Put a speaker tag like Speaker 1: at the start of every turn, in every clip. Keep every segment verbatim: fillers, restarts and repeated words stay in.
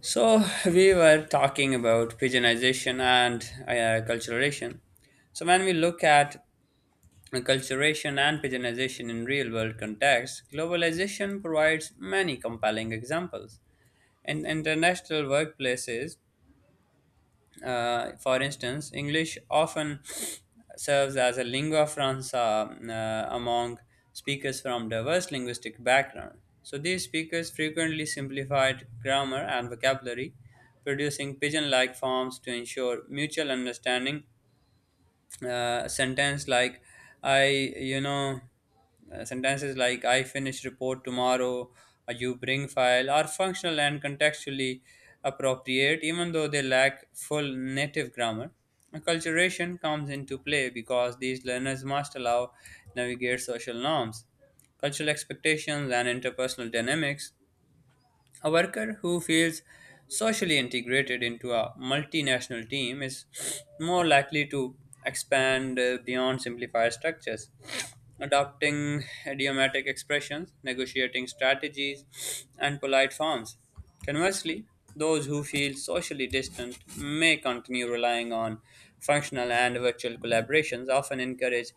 Speaker 1: So we were talking about pigeonization and uh, acculturation. So when we look at acculturation and pigeonization in real world context, globalization provides many compelling examples. In international workplaces, uh, for instance, English often serves as a lingua franca uh, among speakers from diverse linguistic backgrounds. So these speakers frequently simplified grammar and vocabulary, producing pidgin-like forms to ensure mutual understanding, uh, sentence like I you know uh, sentences like I finish report tomorrow, uh, you bring file are functional and contextually appropriate even though they lack full native grammar. Acculturation comes into play because these learners must allow navigate social norms, cultural expectations, and interpersonal dynamics. A worker who feels socially integrated into a multinational team is more likely to expand uh, beyond simplified structures, adopting idiomatic expressions, negotiating strategies, and polite forms. Conversely, those who feel socially distant may continue relying on functional and virtual collaborations, often encourage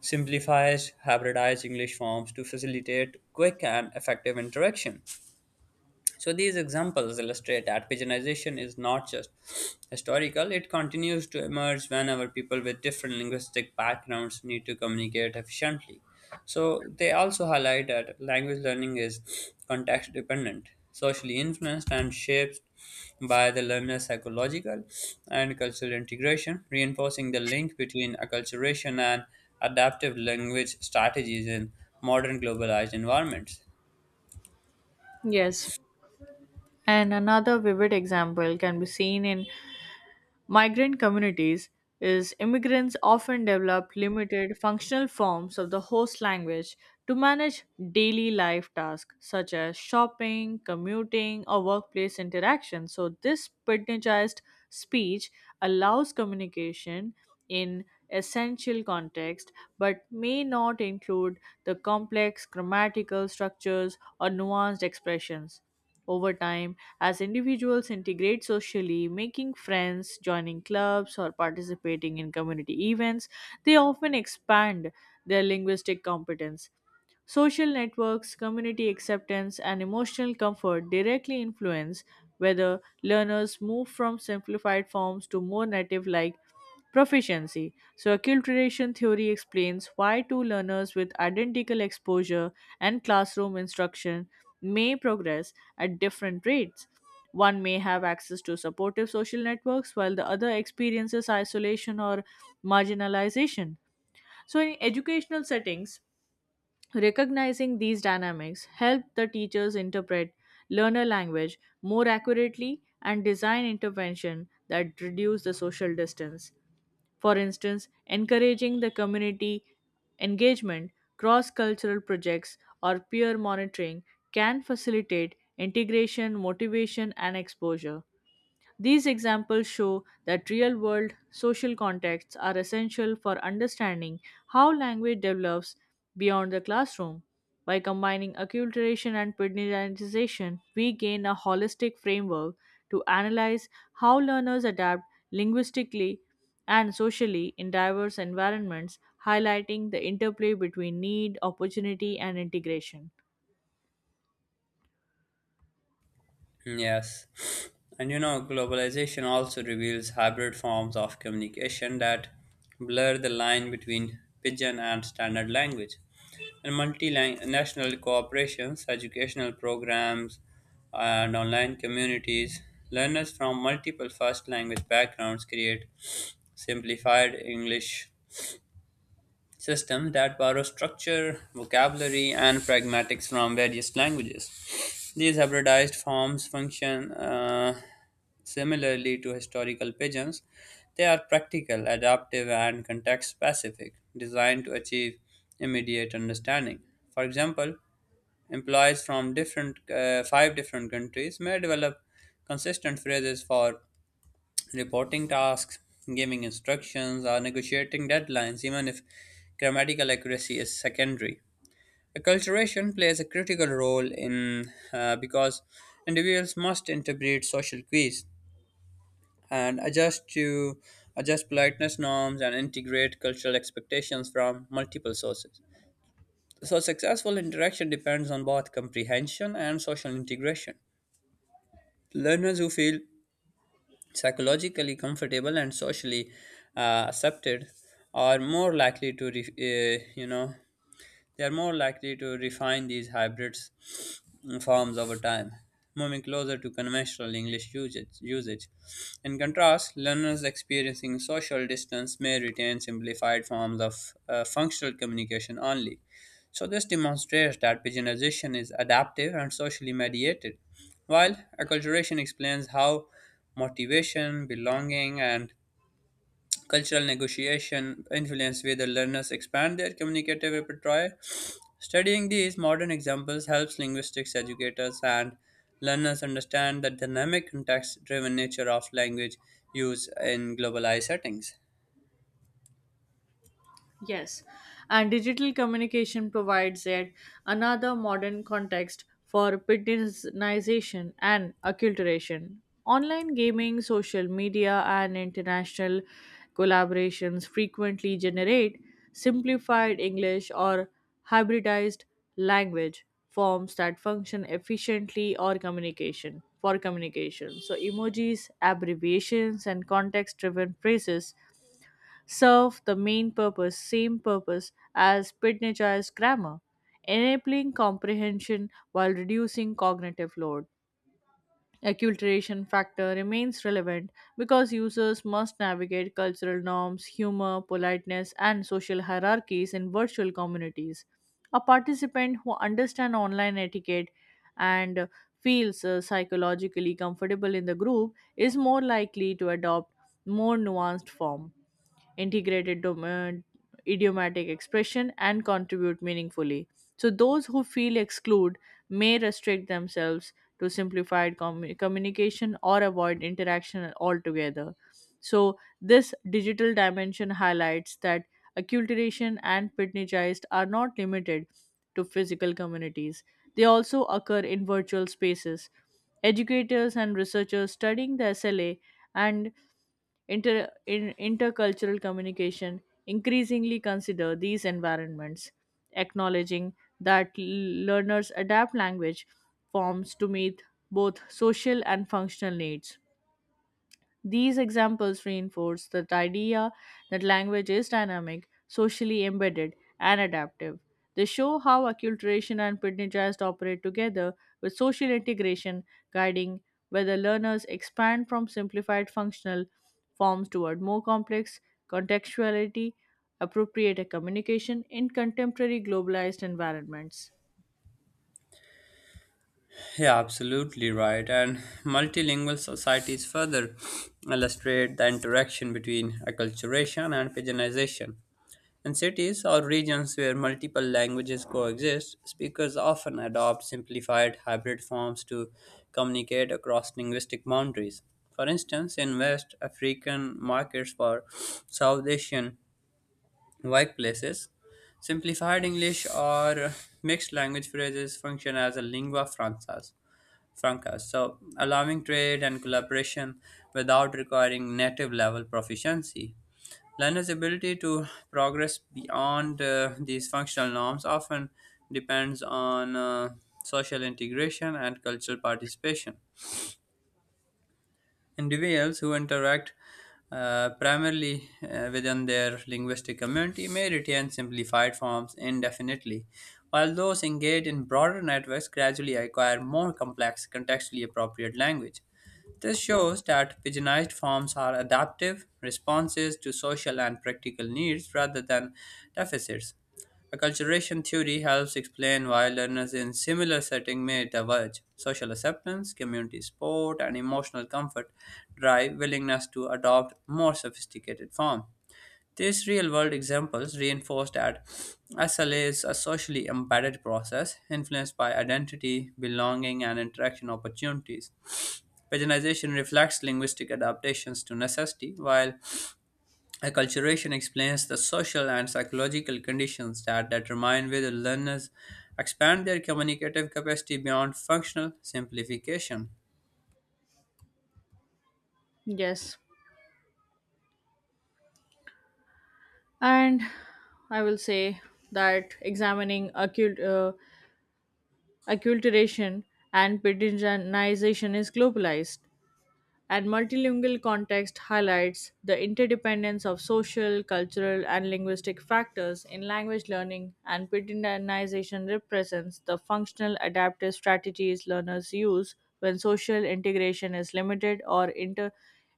Speaker 1: simplifies hybridized English forms to facilitate quick and effective interaction. So these examples illustrate that pigeonization is not just historical, it continues to emerge whenever people with different linguistic backgrounds need to communicate efficiently. So they also highlight that language learning is context dependent, socially influenced, and shaped by the learner's psychological and cultural integration, reinforcing the link between acculturation and adaptive language strategies in modern globalized environments.
Speaker 2: Yes, and another vivid example can be seen in migrant communities is immigrants often develop limited functional forms of the host language to manage daily life tasks such as shopping, commuting, or workplace interaction. So this pidginized speech allows communication in essential context but may not include the complex grammatical structures or nuanced expressions over time, as individuals integrate socially, making friends, joining clubs, or participating in community events, they often expand their linguistic competence. Social networks, community acceptance, and emotional comfort directly influence whether learners move from simplified forms to more native like proficiency. So, acculturation theory explains why two learners with identical exposure and classroom instruction may progress at different rates. One may have access to supportive social networks while the other experiences isolation or marginalization. So, in educational settings, recognizing these dynamics help the teachers interpret learner language more accurately and design intervention that reduce the social distance for instance, encouraging the community engagement, cross cultural projects, or peer monitoring can facilitate integration, motivation, and exposure. These examples show that real world social contexts are essential for understanding how language develops beyond the classroom. By combining acculturation and pedantization, we gain a holistic framework to analyze how learners adapt linguistically and socially in diverse environments, highlighting the interplay between need, opportunity, and integration.
Speaker 1: Yes. And you know, globalization also reveals hybrid forms of communication that blur the line between pidgin and standard language. And multinational corporations, educational programs, and online communities, learners from multiple first language backgrounds create simplified English systems that borrow structure, vocabulary, and pragmatics from various languages. These hybridized forms function uh, similarly to historical pigeons. They are practical, adaptive, and context specific, designed to achieve immediate understanding. For example, employees from different uh, five different countries may develop consistent phrases for reporting tasks, giving instructions, or negotiating deadlines, even if grammatical accuracy is secondary. Acculturation plays a critical role in uh, because individuals must interpret social cues and adjust to adjust politeness norms and integrate cultural expectations from multiple sources. So successful interaction depends on both comprehension and social integration. Learners who feel psychologically comfortable and socially uh, accepted are more likely to re- uh, you know they are more likely to refine these hybrids mm, forms over time, moving closer to conventional English usage. usage. In contrast, learners experiencing social distance may retain simplified forms of uh, functional communication only. So, this demonstrates that pigeonization is adaptive and socially mediated, while acculturation explains how motivation, belonging, and cultural negotiation influence whether learners expand their communicative repertoire. Studying these modern examples helps linguistics educators and learners understand the dynamic context driven nature of language use in globalized settings.
Speaker 2: Yes, and digital communication provides yet another modern context for Pidginization and acculturation. Online gaming, social media, and international collaborations frequently generate simplified English or hybridized language forms that function efficiently or communication for communication so emojis abbreviations and context driven phrases serve the main purpose, same purpose as Pitneyar's grammar, enabling comprehension while reducing cognitive load acculturation factor remains relevant because users must navigate cultural norms, humor, politeness, and social hierarchies in virtual communities. A participant who understands online etiquette and feels uh, psychologically comfortable in the group is more likely to adopt more nuanced form, integrated dom- uh, idiomatic expression, and contribute meaningfully. So those who feel excluded may restrict themselves to simplified commu- communication or avoid interaction altogether. So, this digital dimension highlights that acculturation and pitneyized are not limited to physical communities, they also occur in virtual spaces. Educators and researchers studying the S L A and Inter, in, intercultural communication increasingly consider these environments, acknowledging that l- learners adapt language forms to meet both social and functional needs. These examples reinforce the idea that language is dynamic, socially embedded, and adaptive. They show how acculturation and Pidgin operate together with social integration, guiding whether learners expand from simplified functional forms toward more complex contextuality, appropriate communication in contemporary globalized environments.
Speaker 1: Yeah, absolutely right. And multilingual societies further illustrate the interaction between acculturation and pigeonization. In cities or regions where multiple languages coexist, speakers often adopt simplified hybrid forms to communicate across linguistic boundaries. For instance, in West African markets or South Asian workplaces, simplified English or mixed language phrases function as a lingua franca, Franca. So, allowing trade and collaboration without requiring native level proficiency. Learners' ability to progress beyond uh, these functional norms often depends on uh, social integration and cultural participation. Individuals who interact uh, primarily uh, within their linguistic community may retain simplified forms indefinitely, while those engaged in broader networks gradually acquire more complex, contextually appropriate language. This shows that pigeonized forms are adaptive responses to social and practical needs rather than deficits. Acculturation theory helps explain why learners in similar settings may diverge. Social acceptance, community support, and emotional comfort drive willingness to adopt more sophisticated form. These real-world examples reinforce that S L A is a socially embedded process influenced by identity, belonging, and interaction opportunities. Paginization reflects linguistic adaptations to necessity, while acculturation explains the social and psychological conditions that determine whether learners expand their communicative capacity beyond functional simplification.
Speaker 2: Yes, and I will say that examining acute. Uh, acculturation, and Pidginization is globalized and multilingual context highlights the interdependence of social, cultural, and linguistic factors in language learning, and Pittenization represents the functional adaptive strategies learners use when social integration is limited or inter-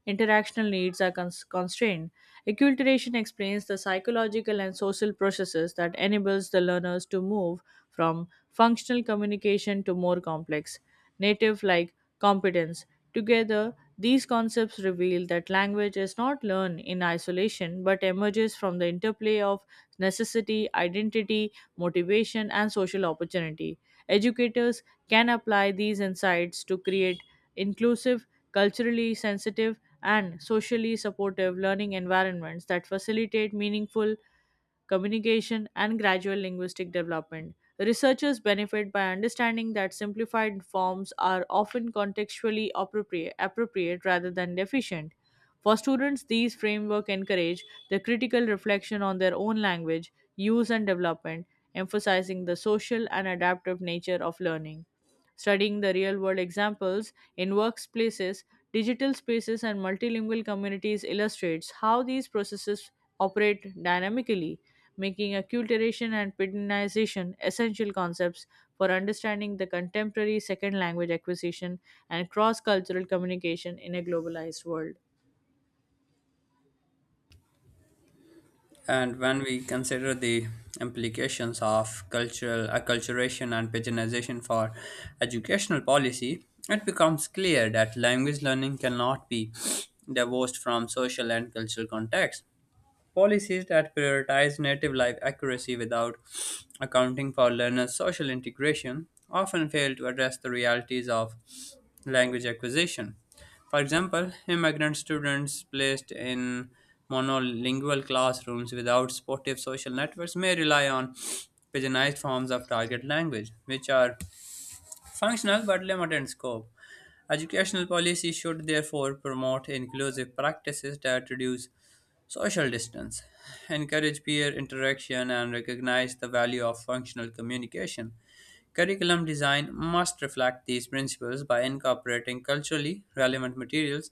Speaker 2: interactional needs are cons- constrained. Acculturation explains the psychological and social processes that enables the learners to move from functional communication to more complex native like competence. Together, these concepts reveal that language is not learned in isolation but emerges from the interplay of necessity, identity, motivation, and social opportunity. Educators can apply these insights to create inclusive, culturally sensitive, and socially supportive learning environments that facilitate meaningful communication, and gradual linguistic development. Researchers benefit by understanding that simplified forms are often contextually appropriate, appropriate rather than deficient. For students, these framework encourage the critical reflection on their own language, use and development, emphasizing the social and adaptive nature of learning. Studying the real world examples in workplaces, digital spaces, and multilingual communities illustrates how these processes operate dynamically, making acculturation and pedinization essential concepts for understanding the contemporary second language acquisition and cross cultural communication in a globalized world.
Speaker 1: And when we consider the implications of cultural acculturation and paginization for educational policy, it becomes clear that language learning cannot be divorced from social and cultural context. Policies that prioritize native live accuracy without accounting for learners' social integration often fail to address the realities of language acquisition. For example, immigrant students placed in monolingual classrooms without supportive social networks may rely on pidginized forms of target language, which are functional but limited in scope. Educational policy should therefore promote inclusive practices that reduce social distance, encourage peer interaction, and recognize the value of functional communication. Curriculum design must reflect these principles by incorporating culturally relevant materials,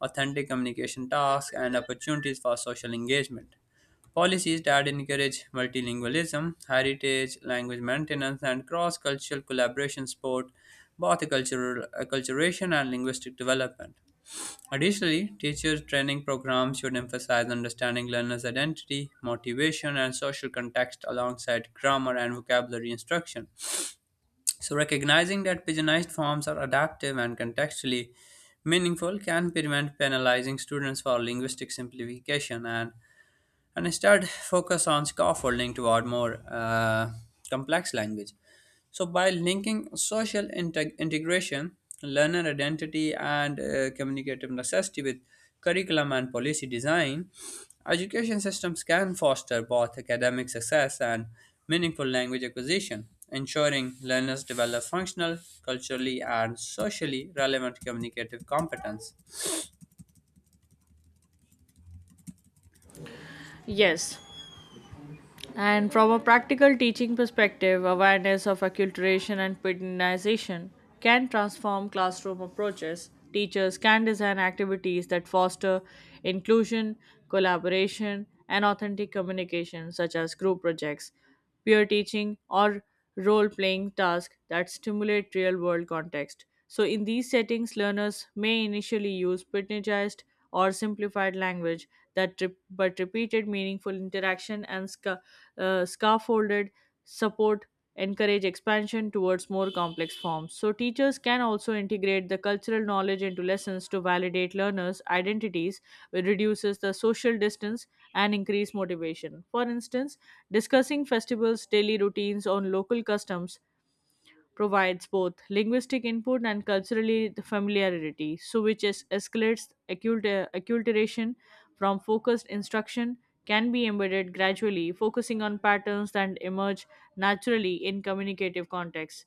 Speaker 1: authentic communication tasks, and opportunities for social engagement. Policies that encourage multilingualism, heritage, language maintenance, and cross cultural collaboration support both cultural acculturation and linguistic development. Additionally, teacher training programs should emphasize understanding learners' identity, motivation, and social context alongside grammar and vocabulary instruction. So, recognizing that pigeonized forms are adaptive and contextually meaningful can prevent penalizing students for linguistic simplification and and instead focus on scaffolding toward more uh, complex language. So, by linking social integ- integration, learner identity, and uh, communicative necessity with curriculum and policy design, education systems can foster both academic success and meaningful language acquisition, ensuring learners develop functional, culturally, and socially relevant communicative competence.
Speaker 2: Yes. And from a practical teaching perspective, awareness of acculturation and pedinization can transform classroom approaches. Teachers can design activities that foster inclusion, collaboration, and authentic communication, such as group projects, peer teaching, or role playing tasks that stimulate real world context. So, in these settings, learners may initially use pitneyized or simplified language that re- but repeated meaningful interaction and sca- uh, scaffolded support encourage expansion towards more complex forms. So, teachers can also integrate the cultural knowledge into lessons to validate learners' identities, which reduces the social distance and increase motivation. For instance, discussing festivals, daily routines, on local customs provides both linguistic input and culturally familiarity, so which es- escalates accult- acculturation from focused instruction can be embedded gradually, focusing on patterns that emerge naturally in communicative contexts.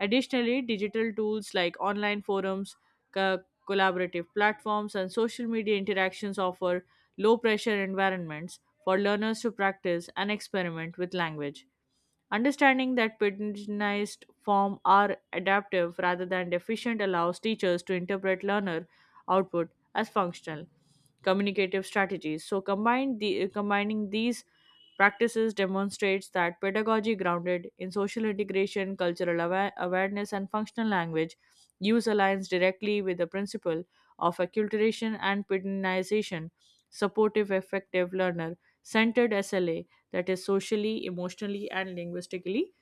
Speaker 2: Additionally, digital tools like online forums, co- collaborative platforms, and social media interactions offer low pressure environments for learners to practice and experiment with language. Understanding that paternalized form are adaptive rather than deficient allows teachers to interpret learner output as functional communicative strategies. So combine the combining these practices demonstrates that pedagogy grounded in social integration, cultural awa- awareness, and functional language use aligns directly with the principle of acculturation and pedagogization, supportive effective learner centered S L A that is socially, emotionally, and linguistically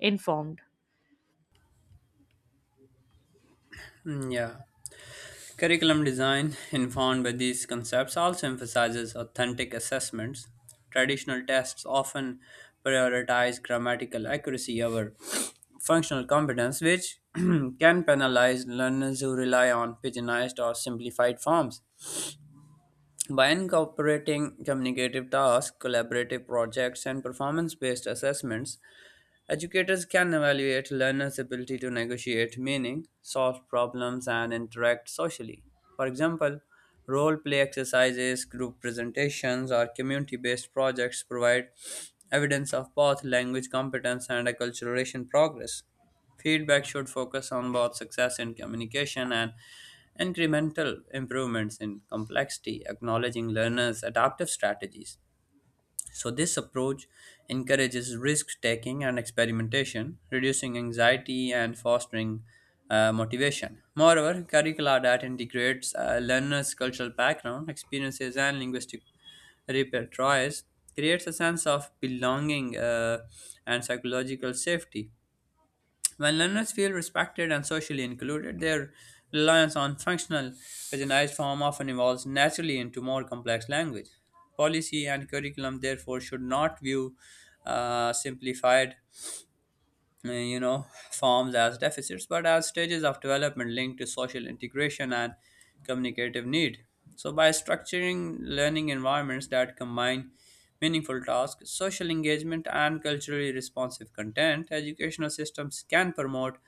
Speaker 2: informed.
Speaker 1: Mm, yeah. Curriculum design, informed by these concepts, also emphasizes authentic assessments. Traditional tests often prioritize grammatical accuracy over functional competence, which can penalize learners who rely on pigeonized or simplified forms. By incorporating communicative tasks, collaborative projects, and performance based assessments, educators can evaluate learners' ability to negotiate meaning, solve problems, and interact socially. For example, role play exercises, group presentations, or community based projects provide evidence of both language competence and acculturation progress. Feedback should focus on both success in communication and incremental improvements in complexity, acknowledging learners' adaptive strategies. So, this approach encourages risk taking and experimentation, reducing anxiety and fostering uh, motivation. Moreover, curricula that integrates uh, learners' cultural background, experiences, and linguistic repertoires creates a sense of belonging, uh, and psychological safety. When learners feel respected and socially included, their reliance on functional paginized form often evolves naturally into more complex language. Policy and curriculum, therefore, should not view uh, simplified, uh, you know, forms as deficits, but as stages of development linked to social integration and communicative need. So, by structuring learning environments that combine meaningful tasks, social engagement, and culturally responsive content, educational systems can promote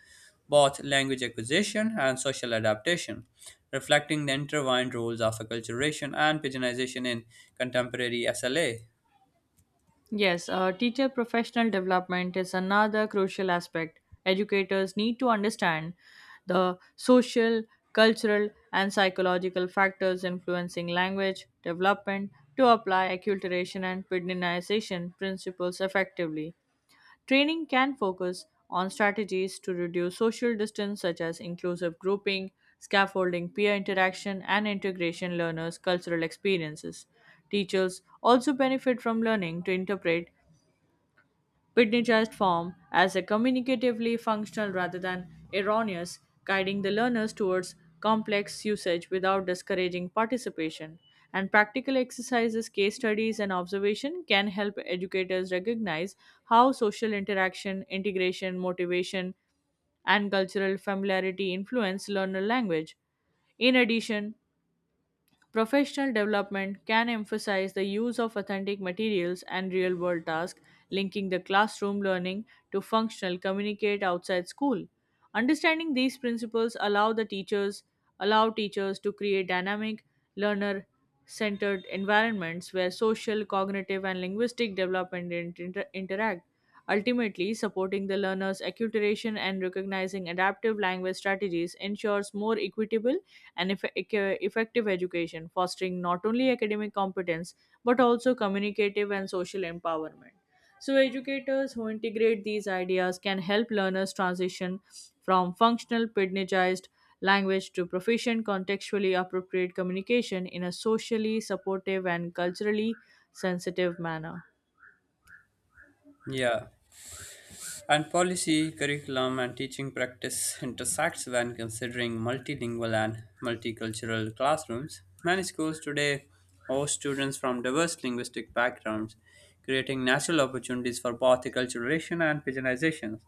Speaker 1: both language acquisition and social adaptation, reflecting the intertwined roles of acculturation and pigeonization in contemporary S L A.
Speaker 2: Yes, uh, teacher professional development is another crucial aspect. Educators need to understand the social, cultural, and psychological factors influencing language development to apply acculturation and pedinization principles effectively. Training can focus on strategies to reduce social distance, such as inclusive grouping, scaffolding peer interaction, and integration learners' cultural experiences. Teachers also benefit from learning to interpret Pitney form as a communicatively functional rather than erroneous, guiding the learners towards complex usage without discouraging participation. And practical exercises, case studies, and observation can help educators recognize how social interaction, integration, motivation, and cultural familiarity influence learner language. In addition, professional development can emphasize the use of authentic materials and real world tasks, linking the classroom learning to functional communicate outside school. Understanding these principles allow the teachers allow teachers to create dynamic, learner centered environments where social, cognitive, and linguistic development inter- interact, ultimately supporting the learner's acculturation and recognizing adaptive language strategies ensures more equitable and eff- ec- effective education, fostering not only academic competence but also communicative and social empowerment. So, educators who integrate these ideas can help learners transition from functional, pedagogized language to proficient, contextually appropriate communication in a socially supportive and culturally sensitive manner.
Speaker 1: Yeah. And policy, curriculum, and teaching practice intersects when considering multilingual and multicultural classrooms. Many schools today host students from diverse linguistic backgrounds, creating natural opportunities for both acculturation and pigeonization.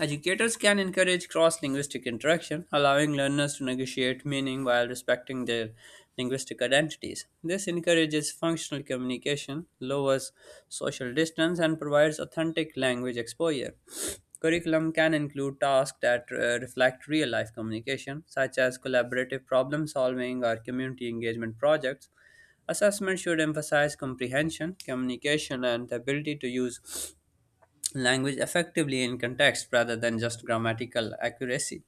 Speaker 1: Educators can encourage cross linguistic interaction, allowing learners to negotiate meaning while respecting their linguistic identities. This encourages functional communication, lowers social distance, and provides authentic language exposure. Curriculum can include tasks that uh, reflect real life communication, such as collaborative problem solving or community engagement projects. Assessment should emphasize comprehension, communication, and the ability to use language effectively in context rather than just grammatical accuracy.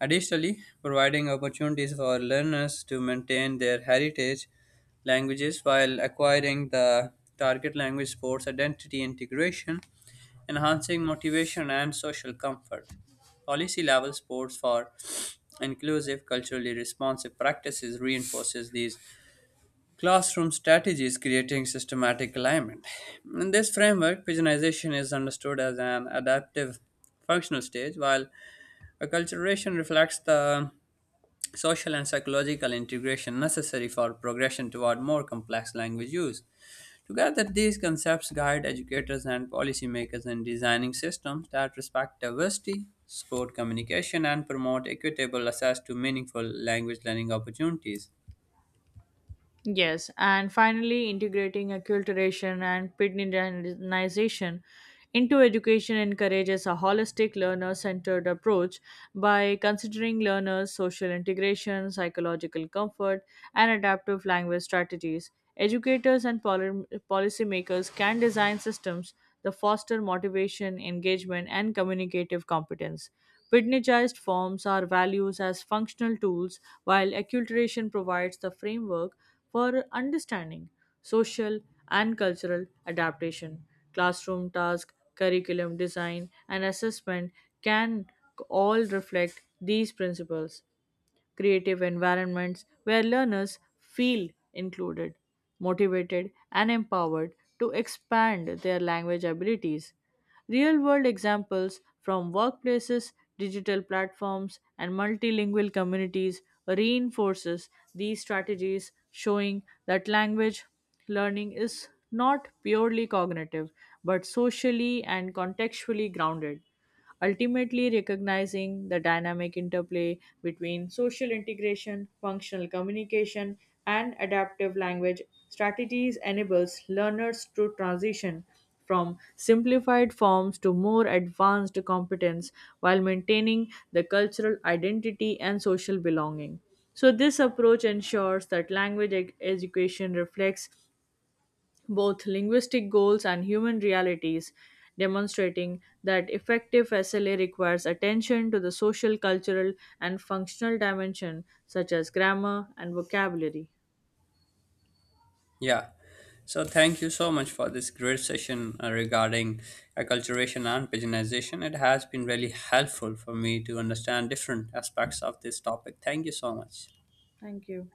Speaker 1: Additionally, providing opportunities for learners to maintain their heritage languages while acquiring the target language supports identity integration, enhancing motivation and social comfort. Policy level supports for inclusive, culturally responsive practices reinforces these classroom strategies creating systematic alignment. In this framework, pigeonization is understood as an adaptive functional stage, while acculturation reflects the social and psychological integration necessary for progression toward more complex language use. Together, these concepts guide educators and policymakers in designing systems that respect diversity, support communication, and promote equitable access to meaningful language learning opportunities.
Speaker 2: Yes, and finally, integrating acculturation and pedagogization into education encourages a holistic learner centered approach by considering learners' social integration, psychological comfort, and adaptive language strategies. Educators and poli- policymakers can design systems that foster motivation, engagement, and communicative competence. Pignatized forms are values as functional tools, while acculturation provides the framework for understanding social and cultural adaptation. Classroom task, curriculum design, and assessment can all reflect these principles creative environments where learners feel included, motivated, and empowered to expand their language abilities. Real world examples from workplaces, digital platforms, and multilingual communities reinforces these strategies showing that language learning is not purely cognitive but socially and contextually grounded ultimately recognizing the dynamic interplay between social integration, functional communication, and adaptive language strategies enables learners to transition from simplified forms to more advanced competence while maintaining the cultural identity and social belonging. So, this approach ensures that language ed- education reflects both linguistic goals and human realities, demonstrating that effective S L A requires attention to the social, cultural, and functional dimension, such as grammar and vocabulary.
Speaker 1: Yeah. So thank you so much for this great session uh, regarding acculturation and pigeonization. It has been really helpful for me to understand different aspects of this topic. Thank you so much.
Speaker 2: Thank you.